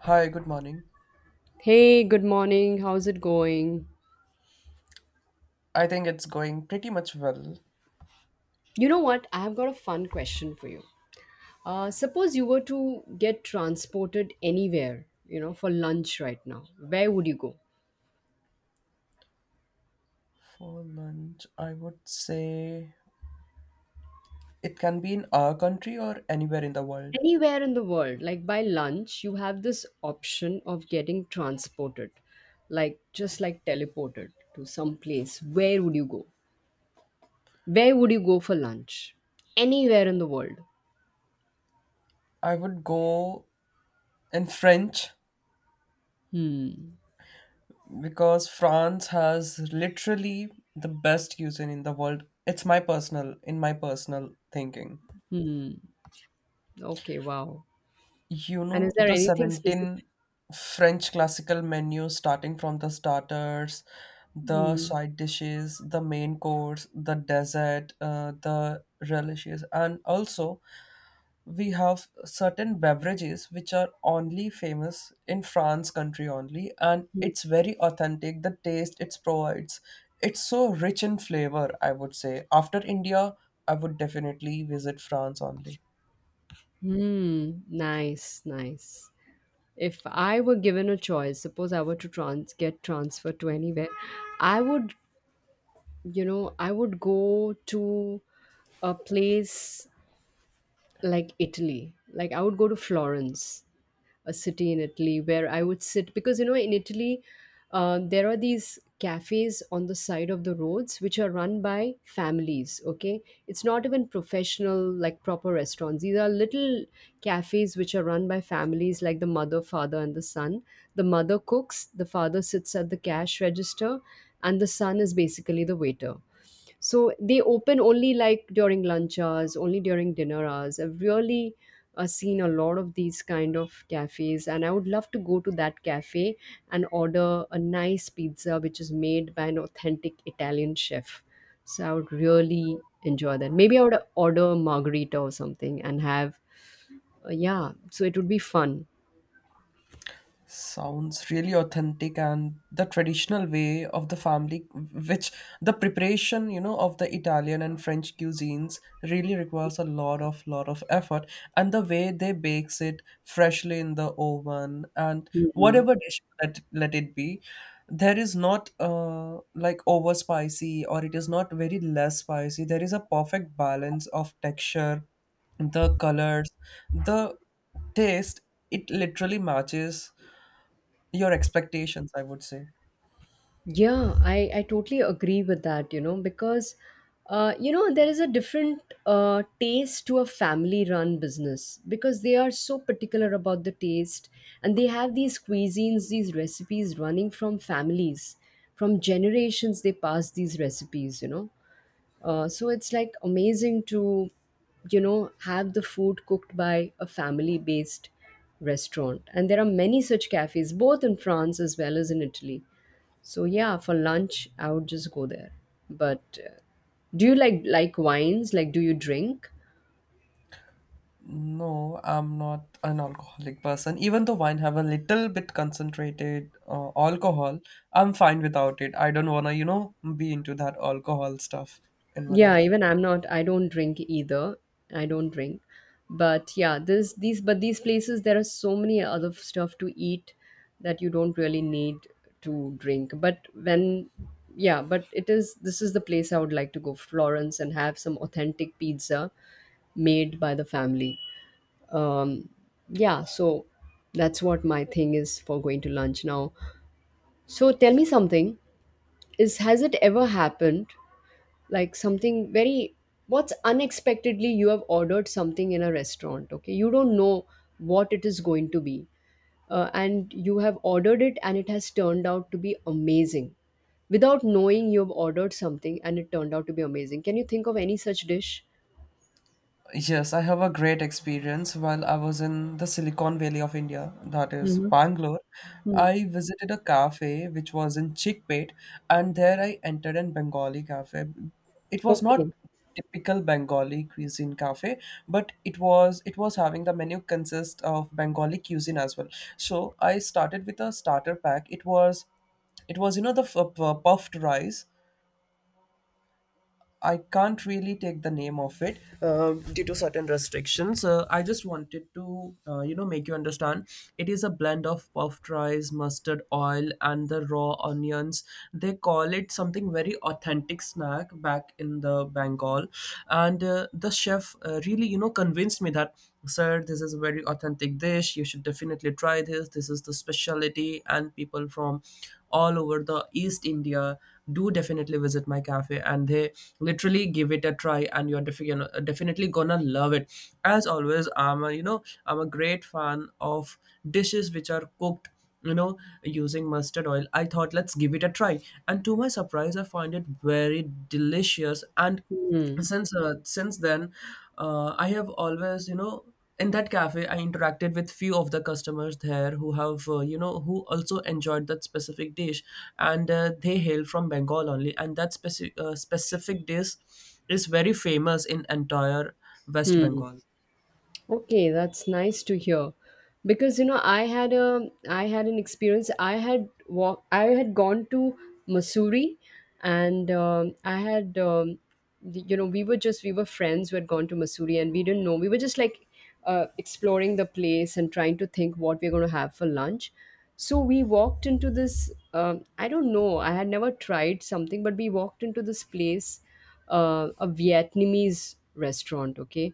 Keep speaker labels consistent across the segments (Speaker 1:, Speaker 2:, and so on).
Speaker 1: Hi, good morning.
Speaker 2: Hey, good morning. How's it going?
Speaker 1: I think it's going pretty much well.
Speaker 2: You know what? I've got a fun question for you. Suppose you were to get transported anywhere, you know, for lunch right now, where would you go?
Speaker 1: For lunch, I would say it can be in our country or anywhere in the world.
Speaker 2: Anywhere in the world, like by lunch, you have this option of getting transported, like just like teleported to some place. Where would you go? Where would you go for lunch? Anywhere in the world.
Speaker 1: I would go in French
Speaker 2: Hmm.
Speaker 1: because France has literally the best cuisine in the world. It's my personal thinking.
Speaker 2: Hmm. Okay, wow.
Speaker 1: You
Speaker 2: And is
Speaker 1: know,
Speaker 2: there
Speaker 1: the
Speaker 2: anything specific?
Speaker 1: 17 French classical menu starting from the starters, the
Speaker 2: Hmm.
Speaker 1: side dishes, the main course, the dessert, the relishes, and also we have certain beverages which are only famous in France country only, and
Speaker 2: Hmm.
Speaker 1: it's very authentic. The taste it provides, it's so rich in flavor, I would say. After India, I would definitely visit France only.
Speaker 2: Hmm. Nice, nice. If I were given a choice, suppose I were to trans get transferred to anywhere, I would, I would go to a place like Italy. Like I would go to Florence, a city in Italy, where I would sit, because you know, in Italy, there are these cafes on the side of the roads which are run by families. Okay, it's not even professional, like proper restaurants. These are little cafes which are run by families, like the mother, father and the son. The mother cooks, the father sits at the cash register, and the son is basically the waiter. So they open only like during lunch hours, only during dinner hours. I've really seen a lot of these kind of cafes, and I would love to go to that cafe and order a nice pizza which is made by an authentic Italian chef. So I would really enjoy that. Maybe I would order a margarita or something and have, yeah, so it would be fun.
Speaker 1: Sounds really authentic and the traditional way of the family, which the preparation, you know, of the Italian and French cuisines really requires a lot of effort. And the way they bakes it freshly in the oven and
Speaker 2: Mhm.
Speaker 1: whatever dish that let it be, there is not like over spicy or it is not very less spicy. There is a perfect balance of texture, the colors, the taste it literally matches your expectations, I would say.
Speaker 2: Yeah, I totally agree with that, you know, because, you know, there is a different taste to a family run business because they are so particular about the taste, and they have these cuisines, these recipes running from families, from generations, they pass these recipes, you know. So it's like amazing to, you know, have the food cooked by a family based restaurant. And there are many such cafes, both in France as well as in Italy. So yeah, for lunch, I would just go there. But do you like wines? Like, do you drink?
Speaker 1: No, I'm not an alcoholic person. Even though wine have a little bit concentrated alcohol, I'm fine without it. I don't wanna, you know, be into that alcohol stuff in my
Speaker 2: Yeah,
Speaker 1: life.
Speaker 2: even I don't drink either. I don't drink. But yeah, this these but these places there are so many other stuff to eat that you don't really need to drink. But when yeah, but it is this is the place I would like to go, Florence, and have some authentic pizza made by the family. Um yeah, so that's what my thing is for going to lunch now. So tell me something. Is has it ever happened, like, something very, what's unexpectedly you have ordered something in a restaurant, okay, you don't know what it is going to be, and you have ordered it and it has turned out to be amazing, without knowing you have ordered something and it turned out to be amazing. Can you think of any such dish?
Speaker 1: Yes, I have a great experience while I was in the Silicon Valley of India, that is
Speaker 2: Hmm.
Speaker 1: Bangalore. I visited a cafe which was in Chickpet, and there I entered an Bengali cafe. It was not
Speaker 2: Okay.
Speaker 1: typical Bengali cuisine cafe, but it was having the menu consist of Bengali cuisine as well. So I started with a starter pack. It was you know the puffed rice. I can't really take the name of it due to certain restrictions. I just wanted to, you know, make you understand. It is a blend of puffed rice, mustard oil, and the raw onions. They call it something very authentic snack back in the Bengal, and the chef really, you know, convinced me that, sir, this is a very authentic dish. You should definitely try this. This is the specialty, and people from all over the East India do definitely visit my cafe and they literally give it a try and you're you know, definitely gonna love it. As always, I'm a great fan of dishes which are cooked, you know, using mustard oil. I thought let's give it a try, and to my surprise I find it very delicious. And
Speaker 2: Hmm.
Speaker 1: since then, I have always, you know, in that cafe I interacted with few of the customers there who have, you know, who also enjoyed that specific dish. And they hail from Bengal only, and that specific dish is very famous in entire West
Speaker 2: Hmm.
Speaker 1: Bengal.
Speaker 2: Okay, that's nice to hear. Because you know, I had an experience. I had walk. I had gone to Missouri, and I had, you know, we were friends who had gone to Missouri, and we didn't know, we were just like, exploring the place and trying to think what we are going to have for lunch. So we walked into this. I don't know. I had never tried something, but we walked into this place, a Vietnamese restaurant. Okay,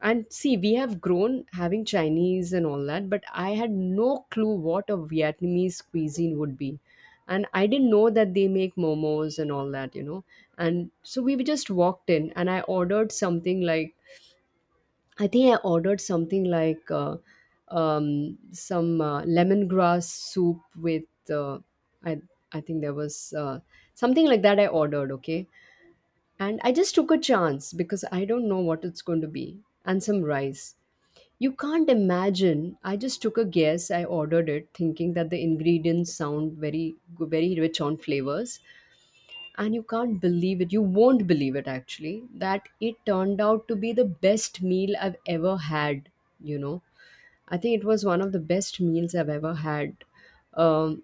Speaker 2: and see, we have grown having Chinese and all that, but I had no clue what a Vietnamese cuisine would be. And I didn't know that they make momos and all that, you know. And so we just walked in and I ordered something like, I think I ordered something like, some, lemongrass soup with, I, I think there was, something like that I ordered, okay? And I just took a chance because I don't know what it's going to be, and some rice. You can't imagine. I just took a guess. I ordered it thinking that the ingredients sound very, very rich on flavors, and you can't believe it. You won't believe it actually, that it turned out to be the best meal I've ever had, you know. I think it was one of the best meals I've ever had, um,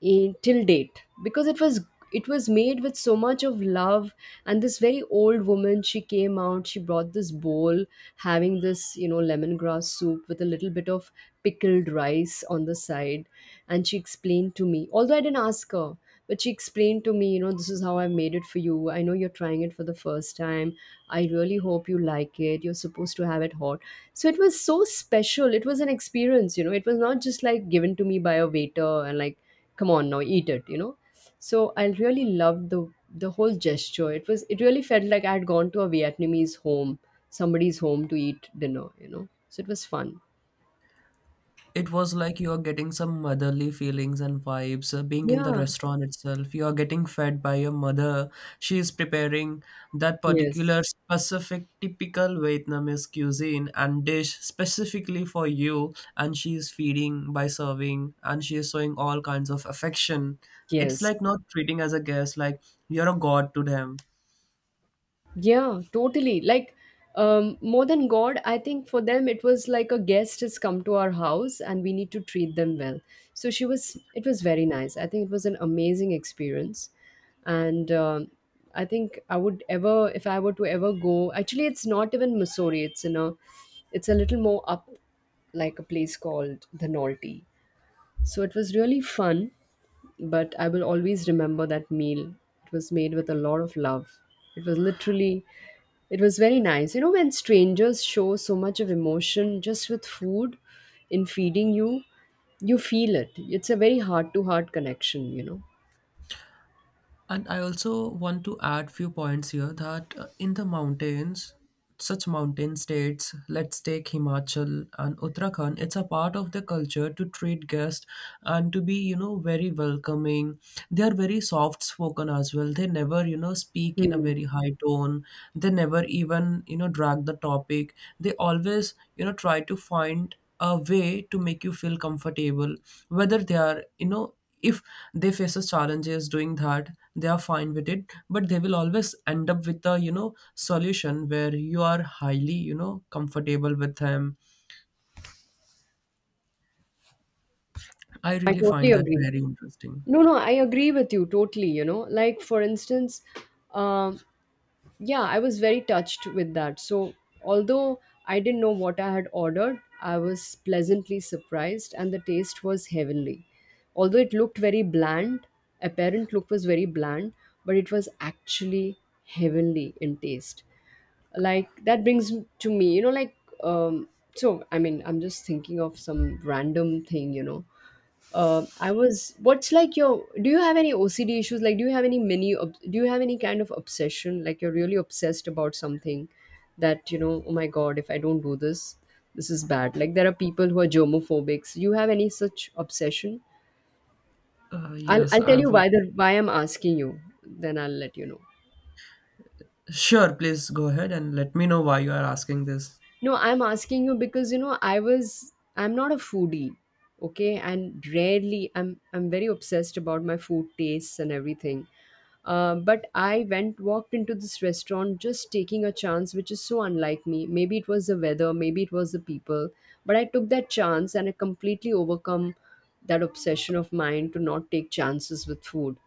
Speaker 2: till date, because it was made with so much of love. And this very old woman, she came out, she brought this bowl having this, lemongrass soup with a little bit of pickled rice on the side. And she explained to me, although I didn't ask her, but she explained to me, you know, this is how I made it for you, I know you're trying it for the first time, I really hope you like it, you're supposed to have it hot. So it was so special. It was an experience, you know. It was not just like given to me by a waiter and like, come on now, eat it, you know. So I really loved the whole gesture. It really felt like I had gone to a Vietnamese home, somebody's home to eat dinner, you know. So it was fun.
Speaker 1: It was like you are getting some motherly feelings and vibes. Being in the
Speaker 2: Yeah.
Speaker 1: restaurant itself, you are getting fed by your mother. She is preparing that
Speaker 2: Yes.
Speaker 1: particular specific typical Vietnamese cuisine and dish specifically for you, and she is feeding by serving, and she is showing all kinds of affection. It's
Speaker 2: Yes.
Speaker 1: like not treating as a guest, like you're a god to them.
Speaker 2: Yeah, totally. Like, more than God, I think for them it was like a guest has come to our house and we need to treat them well. So it was very nice. I think it was an amazing experience. And I think, if I were to ever go, actually, it's not even Missouri, it's a little more up, like a place called the Nolte. So it was really fun, but I will always remember that meal. It was made with a lot of love. It was literally, it was very nice. You know, when strangers show so much of emotion just with food in feeding you, you feel it. It's a very heart to heart connection, you know.
Speaker 1: And I also want to add few points here that in the mountains, such mountain states, let's take Himachal and Uttarakhand, it's a part of the culture to treat guests and to be, you know, very welcoming. They are very soft spoken as well. They never, you know, speak in a
Speaker 2: Hmm.
Speaker 1: very high tone. They never even, you know, drag the topic. They always, you know, try to find a way to make you feel comfortable, whether they are, you know, if they faces challenges doing that, they are fine with it, but they will always end up with a, you know, solution where you are highly, you know, comfortable with them. I
Speaker 2: I
Speaker 1: really
Speaker 2: totally
Speaker 1: find that
Speaker 2: agree.
Speaker 1: very interesting.
Speaker 2: No, no, I agree with you totally. You know, like, for instance, um, yeah, I was very touched with that, so although I didn't know what I had ordered, I was pleasantly surprised and the taste was heavenly, although it looked very bland, apparent look was very bland, but it was actually heavenly in taste. Like that brings to me, you know, like, um so I mean, I'm just thinking of some random thing, you know. I was, what's like your do you have any OCD issues, like, do you have any kind of obsession, like you're really obsessed about something that, you know, oh my god, if I don't do this, this is bad. Like there are people who are germophobics. You have any such obsession? I'll,
Speaker 1: Yes,
Speaker 2: I'll tell
Speaker 1: I
Speaker 2: you
Speaker 1: would.
Speaker 2: why I'm asking you, then I'll let you know.
Speaker 1: Sure, please go ahead and let me know why you are asking this.
Speaker 2: No, I'm asking you because, you know, I'm not a foodie, okay, and rarely, I'm very obsessed about my food tastes and everything. But I went walked into this restaurant just taking a chance, which is so unlike me. Maybe it was the weather, maybe it was the people, but I took that chance and I completely overcome that obsession of mine to not take chances with food.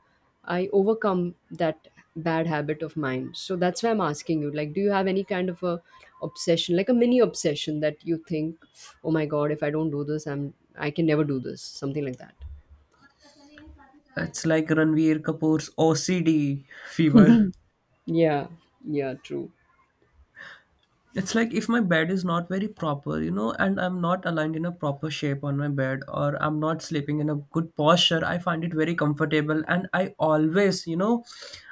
Speaker 2: I overcome that bad habit of mine. So that's why I'm asking you, like, do you have any kind of a obsession, like a mini obsession that you think, oh my god, if I don't do this, I can never do this, something like that.
Speaker 1: It's like Ranveer Kapoor's OCD fever.
Speaker 2: Yeah, yeah, true.
Speaker 1: It's like if my bed is not very proper, you know, and I'm not aligned in a proper shape on my bed or I'm not sleeping in a good posture, I find it very comfortable. And I always, you know,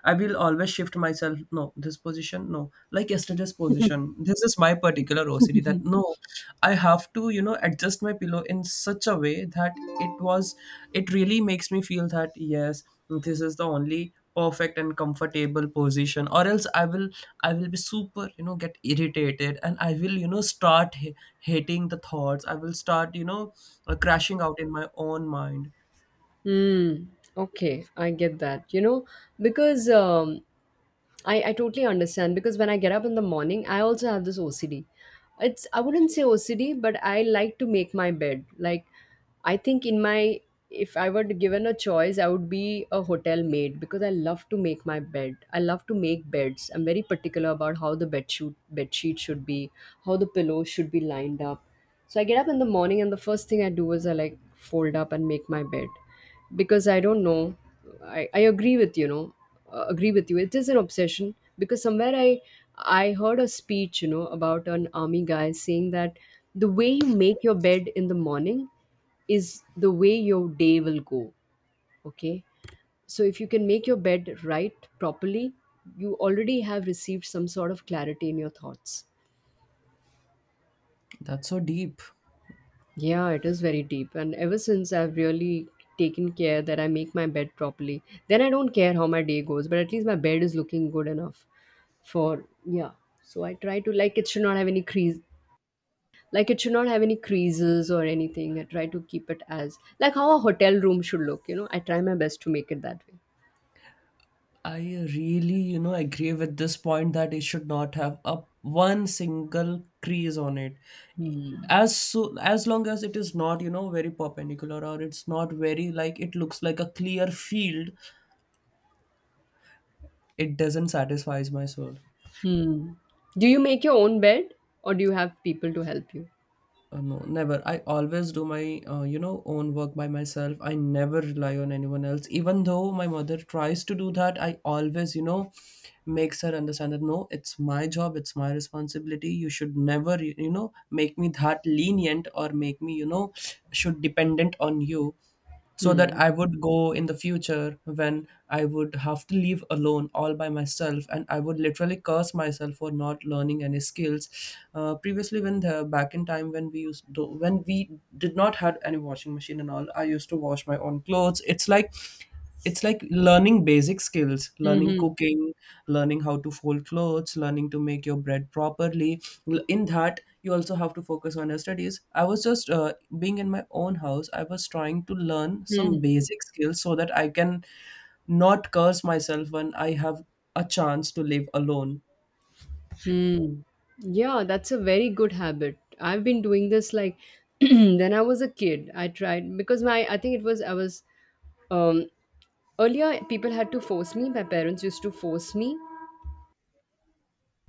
Speaker 1: I will always shift myself. No, this position, no. Like yesterday's position. This is my particular OCD that no, I have to, you know, adjust my pillow in such a way that it was, it really makes me feel that yes, this is the only perfect and comfortable position, or else I will be super, you know, get irritated, and I will, you know, start hating the thoughts. I will start, you know, crashing out in my own mind.
Speaker 2: Mm, okay, I get that. You know, because I totally understand, because when I get up in the morning, I also have this OCD. It's I wouldn't say OCD, but I like to make my bed. Like, I think in my if I were given a choice, I would be a hotel maid because I love to make my bed. I love to make beds. I'm very particular about how the bed sheet should be, how the pillow should be lined up. So I get up in the morning and the first thing I do is I like fold up and make my bed, because I don't know, I agree with you know agree with you, it is an obsession, because somewhere I heard a speech, you know, about an army guy saying that the way you make your bed in the morning is the way your day will go, okay, so if you can make your bed right properly, you already have received some sort of clarity in your thoughts.
Speaker 1: That's so deep.
Speaker 2: Yeah, it is very deep. And ever since I've really taken care that I make my bed properly, then I don't care how my day goes, but at least my bed is looking good enough for, yeah. So I try to, it should not have any crease. Like it should not have any creases or anything. I try to keep it as like how a hotel room should look. I try my best to make it that way.
Speaker 1: I really, you know, agree with this point that it should not have a one single crease on it,
Speaker 2: Hmm.
Speaker 1: as so as long as it is not, you know, very perpendicular or it's not very like it looks like a clear field. It doesn't satisfies my soul.
Speaker 2: Hmm. Do you make your own bed, or do you have people to help you?
Speaker 1: No, never. I always do my, you know, own work by myself. I never rely on anyone else. Even though my mother tries to do that, I always, you know, makes her understand that no, it's my job, it's my responsibility. You should never, you know, make me that lenient or make me, you know, should dependent on you, so that
Speaker 2: Hmm.
Speaker 1: I would go in the future when I would have to leave alone all by myself, and I would literally curse myself for not learning any skills. Previously, when the back in time when we did not had any washing machine and all, I used to wash my own clothes. It's like learning basic skills, learning
Speaker 2: Hmm.
Speaker 1: cooking, learning how to fold clothes, learning to make your bread properly. In that, you also have to focus on your studies. I was just being in my own house, I was trying to learn some
Speaker 2: Hmm.
Speaker 1: basic skills so that I can not curse myself when I have a chance to live alone.
Speaker 2: Mm. Yeah, that's a very good habit. I've been doing this like then I was a kid. I tried because my I think it was I was um earlier people had to force me. My parents used to force me,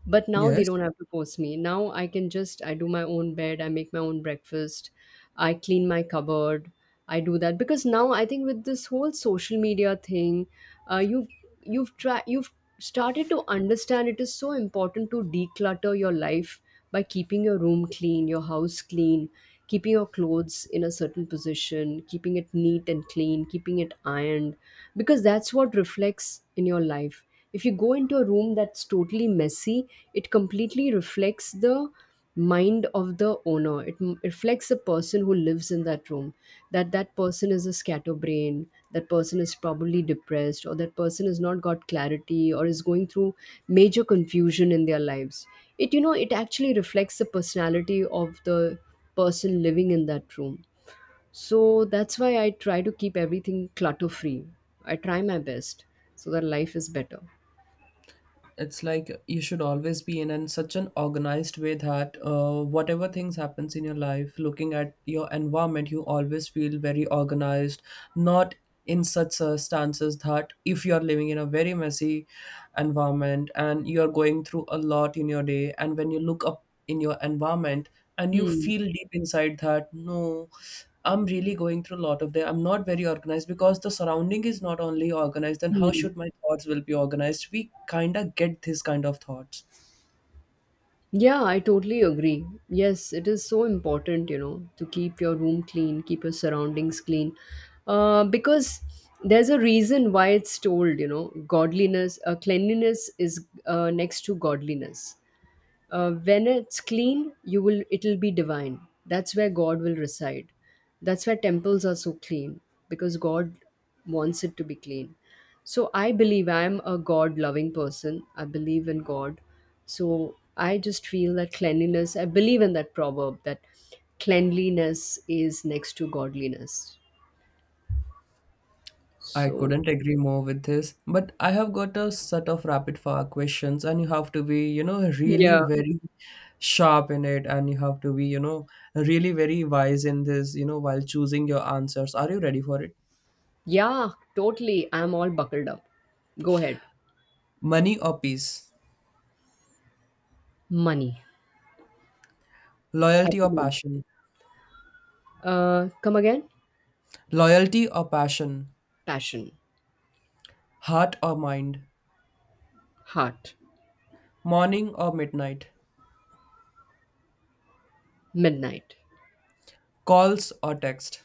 Speaker 2: but now they
Speaker 1: Yes.
Speaker 2: don't have to force me. Now I can just I do my own bed, I make my own breakfast, I clean my cupboard. I do that because now I think with this whole social media thing, uh, you've you've started to understand it is so important to declutter your life by keeping your room clean, your house clean, keeping your clothes in a certain position, keeping it neat and clean, keeping it ironed, because that's what reflects in your life. If you go into a room that's totally messy, it completely reflects the mind of the owner. It reflects the person who lives in that room, that that person is a scatterbrain, that person is probably depressed, or that person has not got clarity or is going through major confusion in their lives. It you know it actually reflects the personality of the person living in that room. So that's why I try to keep everything clutter free. I try my best so that life is better.
Speaker 1: It's like you should always be in such an organized way that whatever things happens in your life looking at your environment, you always feel very organized, not in such circumstances that if you are living in a very messy environment and you are going through a lot in your day, and when you look up in your environment and you
Speaker 2: Hmm.
Speaker 1: feel deep inside that no, I'm really going through a lot of that. I'm not very organized because the surrounding is not only organized, then how
Speaker 2: Hmm.
Speaker 1: should my thoughts will be organized? We kind of get this kind of thoughts.
Speaker 2: Yeah, I totally agree. Yes, it is so important, to keep your room clean, keep your surroundings clean. Because there's a reason why it's told, godliness, cleanliness is next to godliness. When it's clean, you will it'll be divine. That's where God will reside. That's where temples are so clean, because God wants it to be clean. So I believe I am a God loving person, I believe in God. So I just feel that cleanliness, I believe in that proverb that cleanliness is next to godliness.
Speaker 1: I
Speaker 2: So
Speaker 1: couldn't agree more with this, but I have got a set of rapid fire questions, and you have to be, you know, really
Speaker 2: yeah.
Speaker 1: very sharp in it, and you have to be, you know, really very wise in this, you know, while choosing your answers. Are you ready for it?
Speaker 2: Yeah, totally, I'm all buckled up. Go ahead.
Speaker 1: Money or peace?
Speaker 2: Money. At
Speaker 1: Loyalty
Speaker 2: the
Speaker 1: or
Speaker 2: moment.
Speaker 1: passion?
Speaker 2: Uh, come again?
Speaker 1: Loyalty or passion?
Speaker 2: Passion.
Speaker 1: Heart or mind?
Speaker 2: Heart.
Speaker 1: Morning or midnight?
Speaker 2: Midnight.
Speaker 1: Calls or text?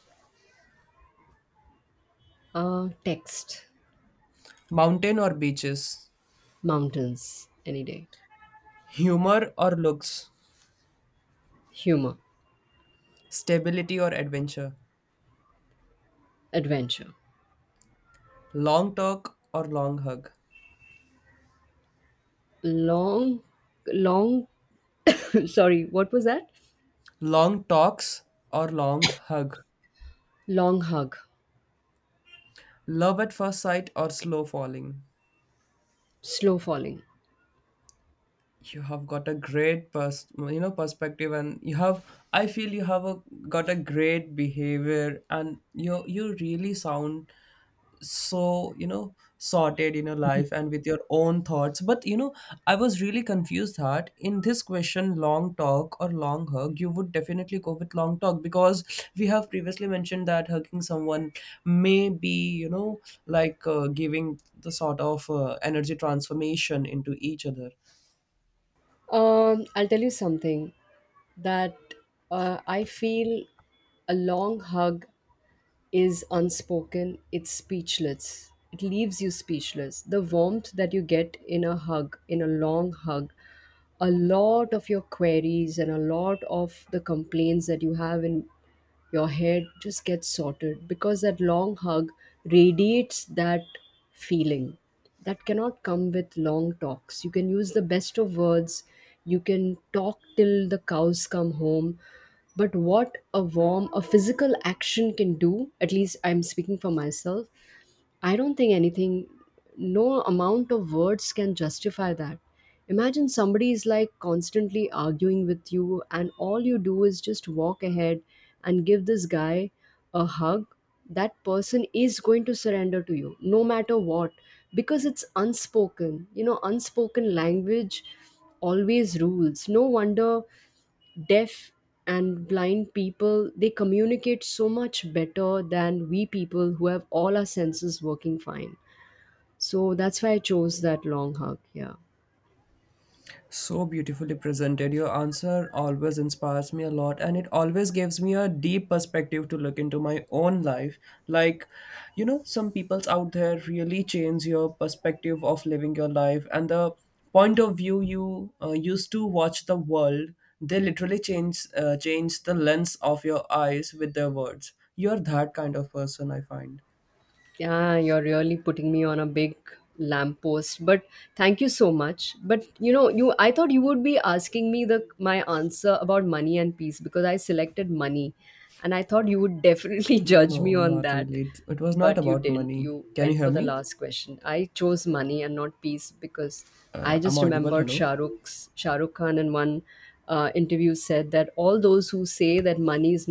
Speaker 2: Uh, text.
Speaker 1: Mountain or beaches?
Speaker 2: Mountains, any day.
Speaker 1: Humor or looks?
Speaker 2: Humor.
Speaker 1: Stability or adventure?
Speaker 2: Adventure.
Speaker 1: Long talk or long hug?
Speaker 2: Long, long, sorry, what was that?
Speaker 1: Long talks or long hug?
Speaker 2: Long hug.
Speaker 1: Love at first sight or slow falling.
Speaker 2: Slow falling.
Speaker 1: You have got a great you know perspective, and you have, I feel you have a, got a great behavior, and you really sound, so you know, sorted in your life and with your own thoughts. But you know, I was really confused that in this question, long talk or long hug, you would definitely go with long talk, because we have previously mentioned that hugging someone may be, you know, like, giving the sort of energy transformation into each other.
Speaker 2: I'll tell you something that I feel a long hug is unspoken, it's speechless. It leaves you speechless. The warmth that you get in a hug, in a long hug, a lot of your queries and a lot of the complaints that you have in your head just gets sorted, because that long hug radiates that feeling that cannot come with long talks. You can use the best of words, you can talk till the cows come home, but what a warm a physical action can do, at least I'm speaking for myself, I don't think anything, no amount of words can justify that. Imagine somebody is like constantly arguing with you, and all you do is just walk ahead and give this guy a hug. That person is going to surrender to you no matter what, because it's unspoken. Unspoken language always rules. No wonder deaf and blind people, they communicate so much better than we people who have all our senses working fine. So that's why I chose that long hug, yeah.
Speaker 1: So beautifully presented. Your answer always inspires me a lot, and it always gives me a deep perspective to look into my own life. Like, you know, some people's out there really change your perspective of living your life, and the point of view you used to watch the world. They literally change, change the lens of your eyes with their words. You're that kind of person, I find.
Speaker 2: Yeah, you're really putting me on a big lamppost. But thank you so much. But you know, you I thought you would be asking me the my answer about money and peace, because I selected money. And I thought you would definitely judge me
Speaker 1: No,
Speaker 2: on
Speaker 1: not
Speaker 2: that.
Speaker 1: really. It was not
Speaker 2: But you
Speaker 1: about
Speaker 2: didn't.
Speaker 1: money.
Speaker 2: You
Speaker 1: Can you
Speaker 2: went for
Speaker 1: hear
Speaker 2: the
Speaker 1: me?
Speaker 2: last question. I chose money and not peace because I
Speaker 1: I'm
Speaker 2: just
Speaker 1: audible.
Speaker 2: remembered
Speaker 1: Hello.
Speaker 2: Shah Rukh Khan in one interview said that all those who say that money is